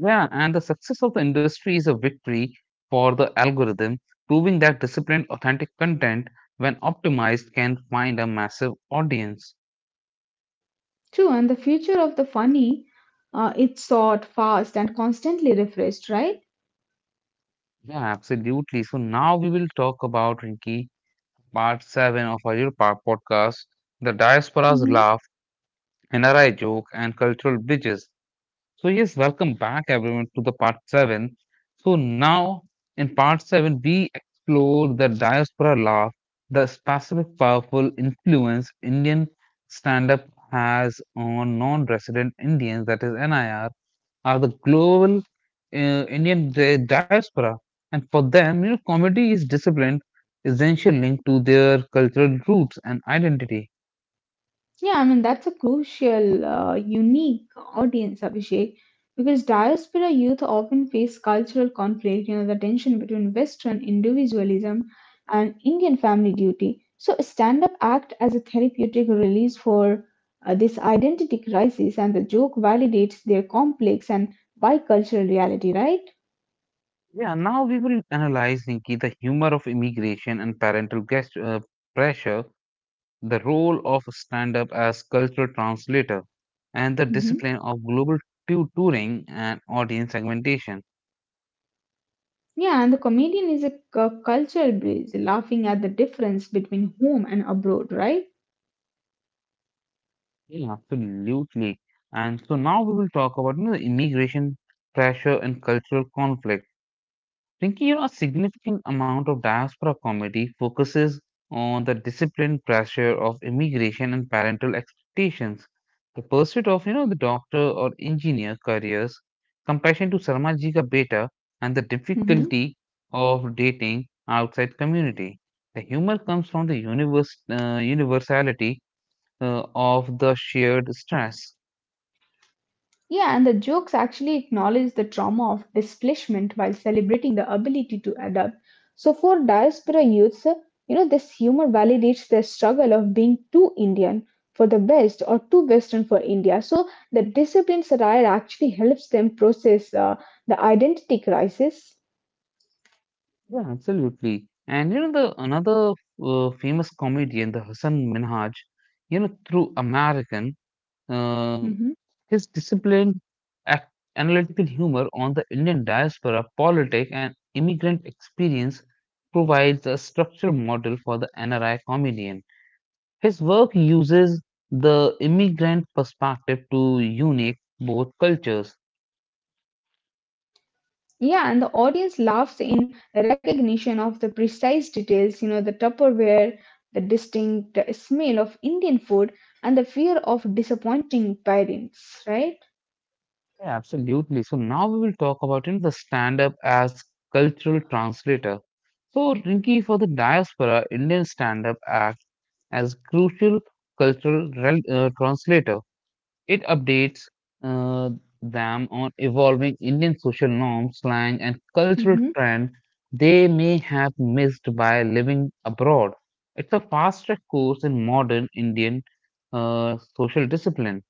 A: Yeah, and the success of the industry is a victory for the algorithm, proving that disciplined, authentic content, when optimized, can find a massive audience.
B: True, and the future of the funny, it's sought, fast, and constantly refreshed, right?
A: Yeah, absolutely. So now we will talk about Rinki part 7 of Ayurpa podcast, the diaspora's
B: Hmm.
A: laugh, NRI joke, and cultural bridges. So, yes, welcome back everyone to the part 7. So, now in part 7, we explore the diaspora laugh, the specific powerful influence Indian stand up has on non resident Indians, that is NIR are the global Indian diaspora, and for them, you know, comedy is disciplined, essential link to their cultural roots and identity.
B: Yeah, I mean, that's a crucial, unique audience, Abhishek, because diaspora youth often face cultural conflict, you know, the tension between Western individualism and Indian Family Duty. So, stand up act as a therapeutic release for this identity crisis, and the joke validates their complex and bicultural reality, right?
A: Yeah, now we will analyze, Nikki, the humor of immigration and parental guest, pressure, the role of stand-up as cultural translator, and the
B: Hmm.
A: discipline of global touring and audience segmentation.
B: Yeah, and the comedian is a cultural bridge, laughing at the difference between home and abroad, right?
A: Yeah, absolutely. And so now we will talk about you know, the immigration pressure and cultural conflict. Rinki, you know a significant amount of diaspora comedy focuses on the discipline pressure of immigration and parental expectations, the pursuit of you know the doctor or engineer careers, compassion to Sarmaji ka beta, and the
B: Mhm.
A: difficulty of dating outside community. The humor comes from the universality of the shared stress.
B: Yeah, and the jokes actually acknowledge the trauma of displacement while celebrating the ability to adapt. So for diaspora youths, this humor validates their struggle of being too Indian for the West or too Western for India. So the disciplined satire actually helps them process the identity crisis.
A: Yeah, absolutely. And you know the another famous comedian, the Hassan Minhaj, you know through American, uh, his disciplined, ac- analytical humor on the Indian diaspora, politic, and immigrant experience provides a structural model for the NRI comedian. His work uses the immigrant perspective to unique both cultures.
B: Yeah, and the audience laughs in recognition of the precise details, you know, the Tupperware, the distinct smell of Indian food, and the fear of disappointing parents, right?
A: Yeah, absolutely. So now we will talk about you know, the stand-up as cultural translator. So Rinki, for the diaspora, Indian stand-up acts as crucial cultural translator. It updates uh, them on evolving Indian social norms, slang, and cultural
B: Hmm.
A: trend they may have missed by living abroad. It's a fast-track course in modern Indian social discipline.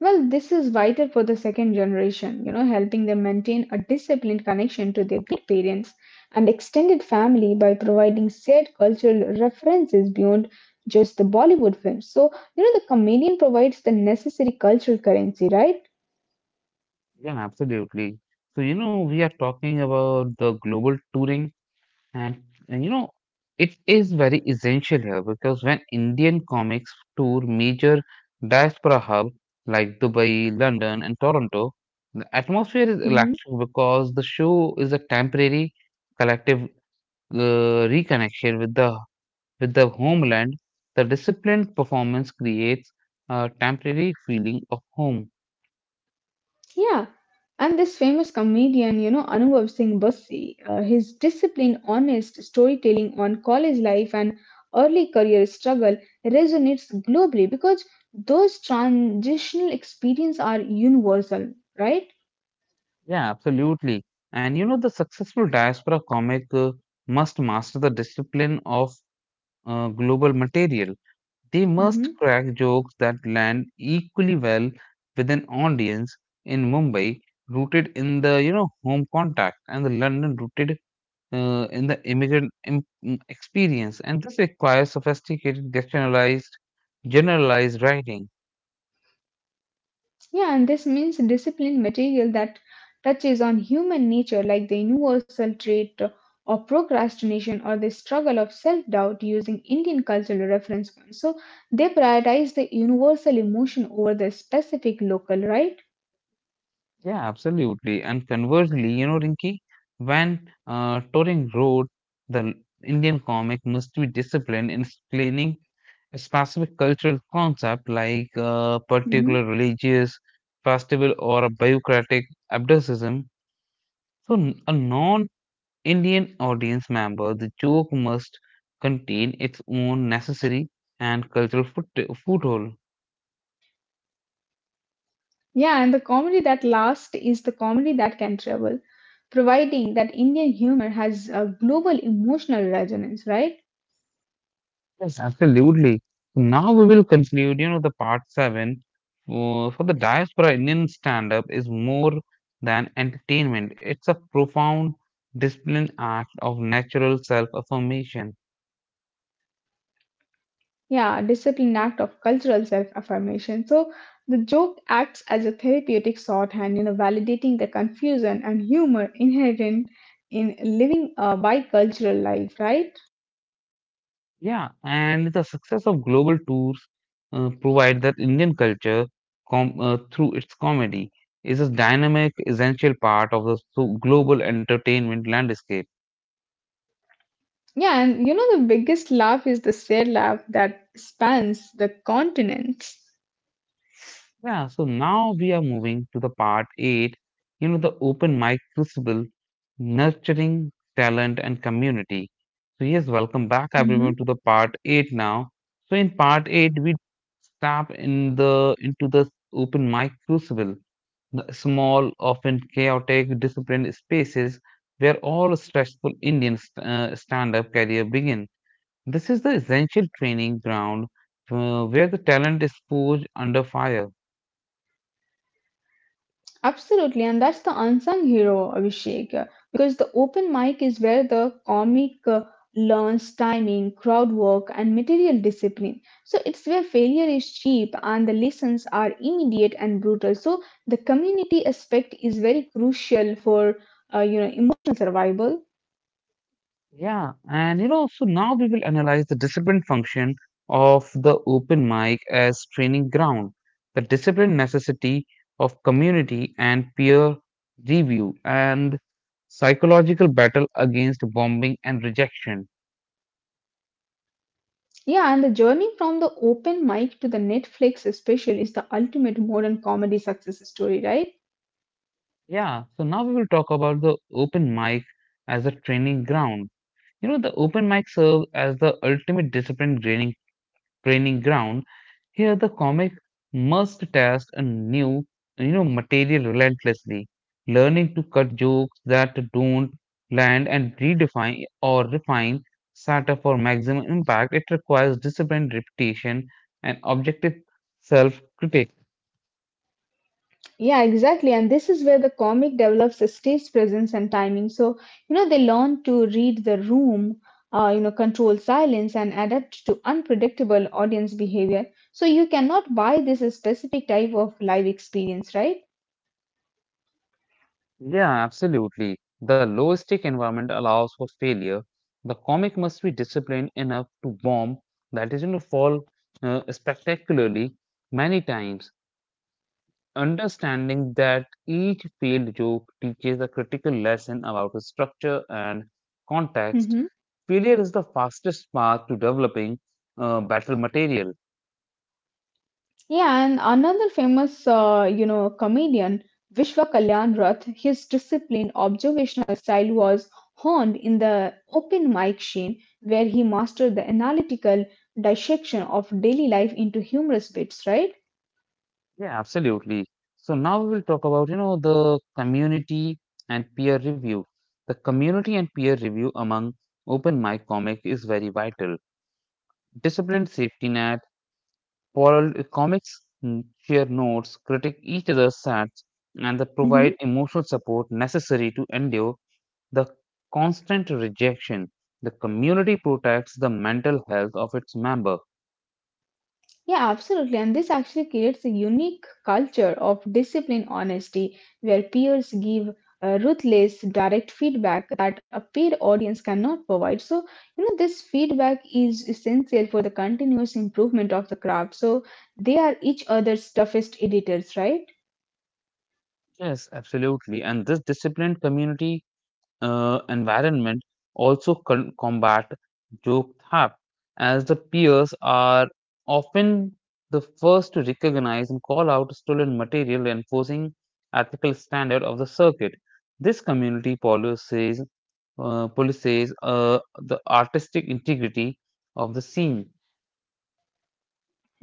B: Well, this is vital for the second generation, you know, helping them maintain a disciplined connection to their great parents and extended family by providing shared cultural references beyond just the Bollywood films. So, you know, the chameleon provides the necessary cultural currency, right?
A: Yeah, absolutely. So, you know, we are talking about the global touring, and, and you know, it is very essential here because when Indian comics tour major diaspora hubs like Dubai, London, and Toronto, the atmosphere is
B: Hmm.
A: electric because the show is a temporary collective reconnection with the homeland. The disciplined performance creates a temporary feeling of home.
B: Yeah, and this famous comedian, you know, Anubhav Singh Bassi, his disciplined, honest storytelling on college life and early career struggle resonates globally because those transitional experiences are universal, right?
A: Yeah, absolutely. And you know, the successful diaspora comic must master the discipline of global material. They must
B: Mhm.
A: crack jokes that land equally well with an audience in Mumbai, rooted in the you know home contact, and the London rooted in the immigrant experience. And this requires sophisticated, generalized writing.
B: Yeah, and this means disciplined material that touches on human nature, like the universal trait of procrastination or the struggle of self doubt, using Indian cultural reference points. So they prioritize the universal emotion over the specific local, right?
A: Yeah, absolutely. And conversely, you know, Rinki, when Turing wrote the Indian comic must be disciplined in explaining a specific cultural concept like a
B: Hmm.
A: particular religious festival or a bureaucratic abducism. So, a non Indian audience member, the joke must contain its own necessary and cultural foothold.
B: Yeah, and the comedy that lasts is the comedy that can travel, providing that Indian humor has a global emotional resonance, right?
A: Yes, absolutely. Now we will conclude, you know, the part seven. For the diaspora, Indian stand up is more than entertainment, it's a profound disciplined act of natural self affirmation.
B: Yeah, discipline act of cultural self affirmation. So the joke acts as a therapeutic shorthand, you know, validating the confusion and humor inherent in living a bicultural life, right?
A: Yeah, and the success of global tours provide that Indian culture through its comedy is a dynamic, essential part of the global entertainment landscape.
B: Yeah, and you know, the biggest laugh is the shared laugh that spans the continents.
A: Yeah, so now we are moving to the part eight, you know, the open mic crucible, nurturing talent and community. So, yes, welcome back everyone
B: Mhm.
A: to the part eight now. So, in part eight, we tap in the into the open mic crucible, the small, often chaotic, disciplined spaces where all stressful Indian stand-up career begin. This is the essential training ground where the talent is forged under fire.
B: Absolutely, and that's the unsung hero, Abhishek, because the open mic is where the comic learns timing, crowd work, and material discipline. So it's where failure is cheap and the lessons are immediate and brutal. So the community aspect is very crucial for emotional survival.
A: Yeah, and you know, so now we will analyze the discipline function of the open mic as training ground, the discipline necessity of community and peer review, and psychological battle against bombing and rejection.
B: Yeah, and the journey from the open mic to the Netflix special is the ultimate modern comedy success story, right?
A: Yeah, so now we will talk about the open mic as a training ground. You know, the open mic serves as the ultimate discipline training ground. Here, the comedy must test a new you know material relentlessly learning to cut jokes that don't land and redefine or refine satire for maximum impact. It requires discipline repetition and objective self critique.
B: Yeah, exactly. And this is where the comic develops a stage presence and timing. So, you know, they learn to read the room, control silence and adapt to unpredictable audience behavior. So you cannot buy this specific type of live experience, right?
A: Yeah, absolutely. The low stake environment allows for failure. The comic must be disciplined enough to bomb, that is going to fall spectacularly many times, understanding that each failed joke teaches a critical lesson about structure and context,
B: Mm-hmm.
A: failure is the fastest path to developing better material.
B: Yeah, and another famous, comedian, Vishwa Kalyan Rath, his disciplined observational style was honed in the open mic scene, where he mastered the analytical dissection of daily life into humorous bits, right?
A: Yeah, absolutely. So now we will talk about you know the community and peer review. The community and peer review among open mic comic is very vital. Disciplined safety net. Parallel comics share notes, critique each other's sets, and they provide
B: Mhm.
A: emotional support necessary to endure the constant rejection. The community protects the mental health of its member.
B: Yeah, absolutely. And this actually creates a unique culture of discipline honesty where peers give ruthless, direct feedback that a paid audience cannot provide. So, you know, this feedback is essential for the continuous improvement of the craft. So, they are each other's toughest editors, right?
A: Yes, absolutely. And this disciplined community environment also combat joke theft, as the peers are often the first to recognize and call out stolen material, enforcing ethical standard of the circuit. This community policies, the artistic integrity of the scene.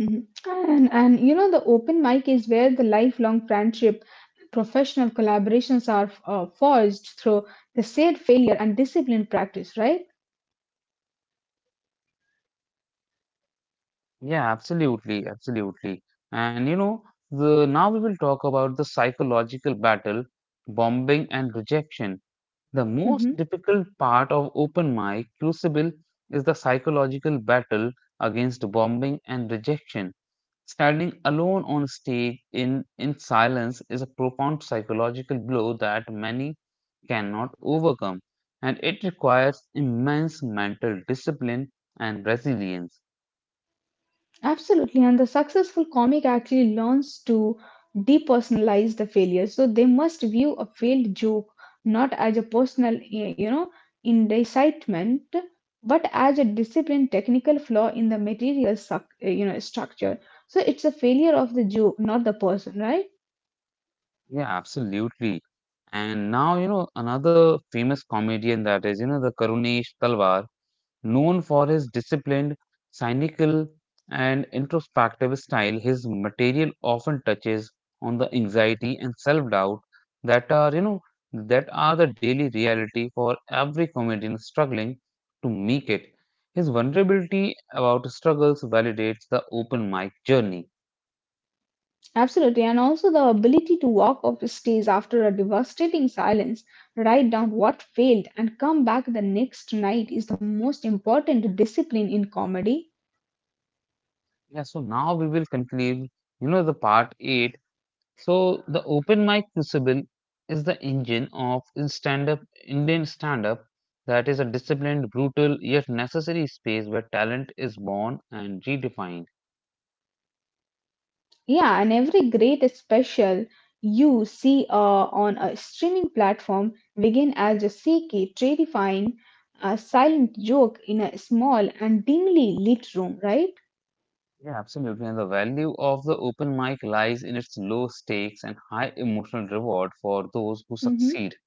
B: Mhm. And you know, the open mic is where the lifelong friendship, professional collaborations are forged through the shared failure and disciplined practice, right?
A: Absolutely. And you know, the now we will talk about the psychological battle, bombing and rejection. The most
B: Mhm.
A: difficult part of open mic crucible is the psychological battle against bombing and rejection. Standing alone on stage in silence is a profound psychological blow that many cannot overcome, and it requires immense mental discipline and resilience.
B: Absolutely, and the successful comic actually learns to depersonalize the failure. So they must view a failed joke not as a personal, indictment, but as a disciplined technical flaw in the material, structure. So it's a failure of the joke, not the person, right?
A: Yeah, absolutely. And now, you know, another famous comedian that is, you know, the Karunesh Talwar, known for his disciplined, cynical, and introspective style, his material often touches on the anxiety and self-doubt that are, you know, that are the daily reality for every comedian struggling to make it. His vulnerability about struggles validates the open mic journey.
B: Absolutely, and also the ability to walk off the stage after a devastating silence, write down what failed, and come back the next night is the most important discipline in comedy.
A: Yeah, so now we will conclude, you know, the part eight. So the open mic crucible is the engine of stand-up Indian stand-up, that is a disciplined, brutal yet necessary space where talent is born and redefined.
B: Yeah, and every great special you see on a streaming platform begin as a cheeky, terrifying, silent joke in a small and dimly lit room, right?
A: Yeah, absolutely. And the value of the open mic lies in its low stakes and high emotional reward for those who
B: Hmm.
A: succeed.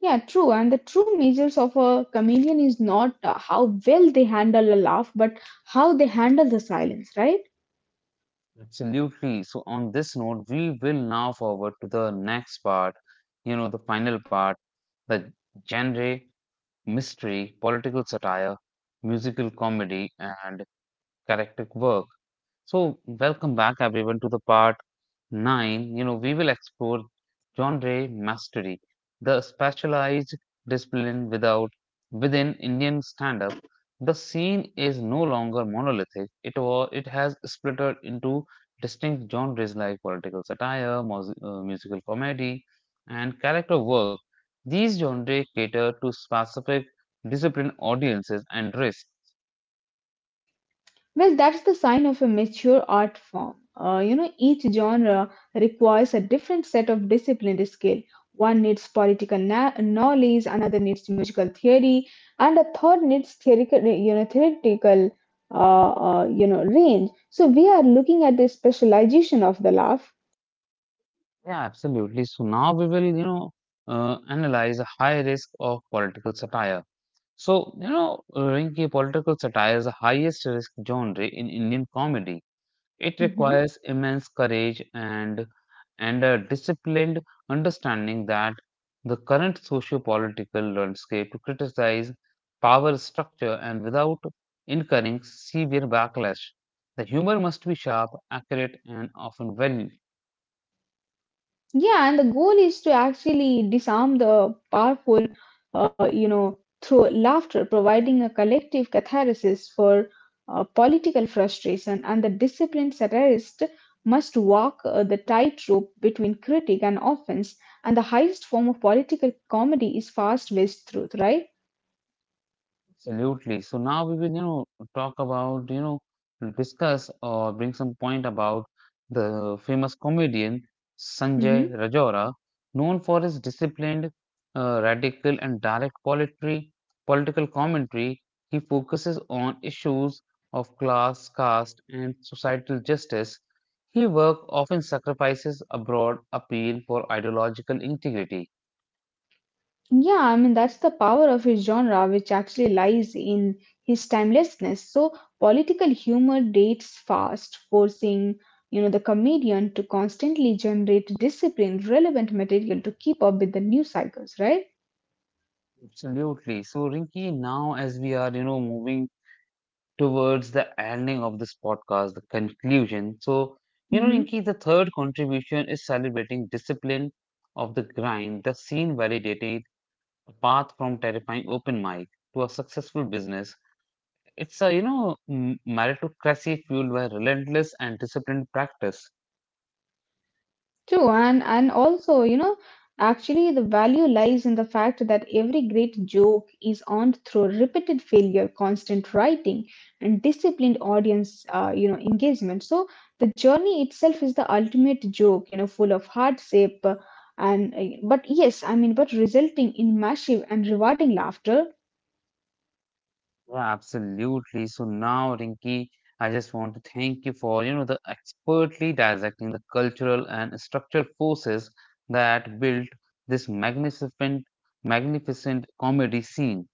B: Yeah, true. And the true measures of a comedian is not how well they handle a laugh, but how they handle the silence, right?
A: Absolutely. So on this note, we will now forward to the next part, you know, the final part, the genre mystery, political satire, musical comedy, and character work. So, welcome back everyone to the part Nine, you know, we will explore genre mastery, the specialized discipline without within Indian stand-up. The scene is no longer monolithic. It has splitted into distinct genres like political satire, musical comedy, and character work. These genres cater to specific discipline audiences and risk.
B: Well, that's the sign of a mature art form. You know, each genre requires a different set of disciplined skill. One needs political knowledge, another needs musical theory, and a third needs theoretical, range. So we are looking at the specialization of the laugh.
A: Yeah, absolutely. So now we will, you know, analyze a high risk of political satire. So, you know, Rinki, political satire is the highest risk genre in Indian comedy. It
B: Mhm.
A: requires immense courage and a disciplined understanding that the current socio-political landscape to criticize power structure and without incurring severe backlash. The humor must be sharp, accurate, and often well.
B: Yeah, and the goal is to actually disarm the powerful through laughter, providing a collective catharsis for political frustration, and the disciplined satirist must walk the tightrope between critique and offense, and the highest form of political comedy is fast-paced truth, right?
A: Absolutely. So now we will, you know, discuss or bring some point about the famous comedian Sanjay
B: Mhm.
A: Rajora, known for his disciplined, radical, and direct poetry, political commentary. He focuses on issues of class, caste, and societal justice. His work often sacrifices a broad appeal for ideological integrity.
B: Yeah, I mean, that's the power of his genre, which actually lies in his timelessness. So, political humor dates fast, forcing, you know, the comedian to constantly generate disciplined, relevant material to keep up with the news cycles, right?
A: Absolutely. So, Rinki, now as we are, you know, moving towards the ending of this podcast, the conclusion. So, you know,
B: Mm-hmm.
A: Rinki, the third contribution is celebrating discipline of the grind, the scene validated a path from terrifying open mic to a successful business. It's a, you know, meritocracy fueled by relentless and disciplined practice.
B: True, and also, you know, actually the value lies in the fact that every great joke is earned through repeated failure, constant writing, and disciplined audience, engagement. So the journey itself is the ultimate joke, you know, full of hardship, and but yes, I mean, but resulting in massive and rewarding laughter.
A: Yeah, absolutely. So now, Rinki, I just want to thank you for, you know, the expertly dissecting the cultural and structural forces that built this magnificent comedy scene.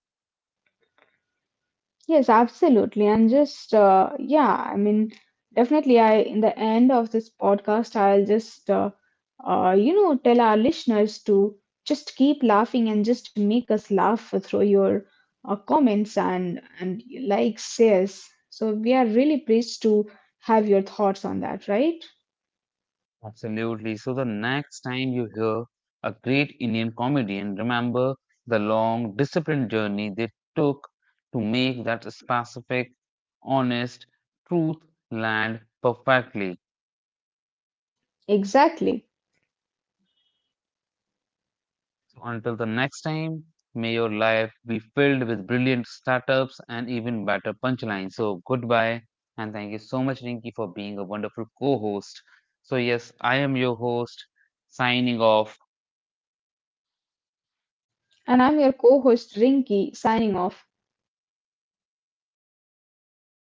B: Yes, absolutely. And just, yeah, I mean, definitely, I, in the end of this podcast, I'll just, you know, tell our listeners to just keep laughing and just make us laugh through your comments and likes, shares. So we are really pleased to have your thoughts on that, right?
A: Absolutely. So the next time you hear a great Indian comedian, remember the long, disciplined journey they took to make that specific, honest truth land perfectly.
B: Exactly.
A: So until the next time, may your life be filled with brilliant startups and even better punchlines. So goodbye and thank you so much, Rinki, for being a wonderful co-host. So yes, I am your host, signing off.
B: And I'm your co-host, Rinki signing off.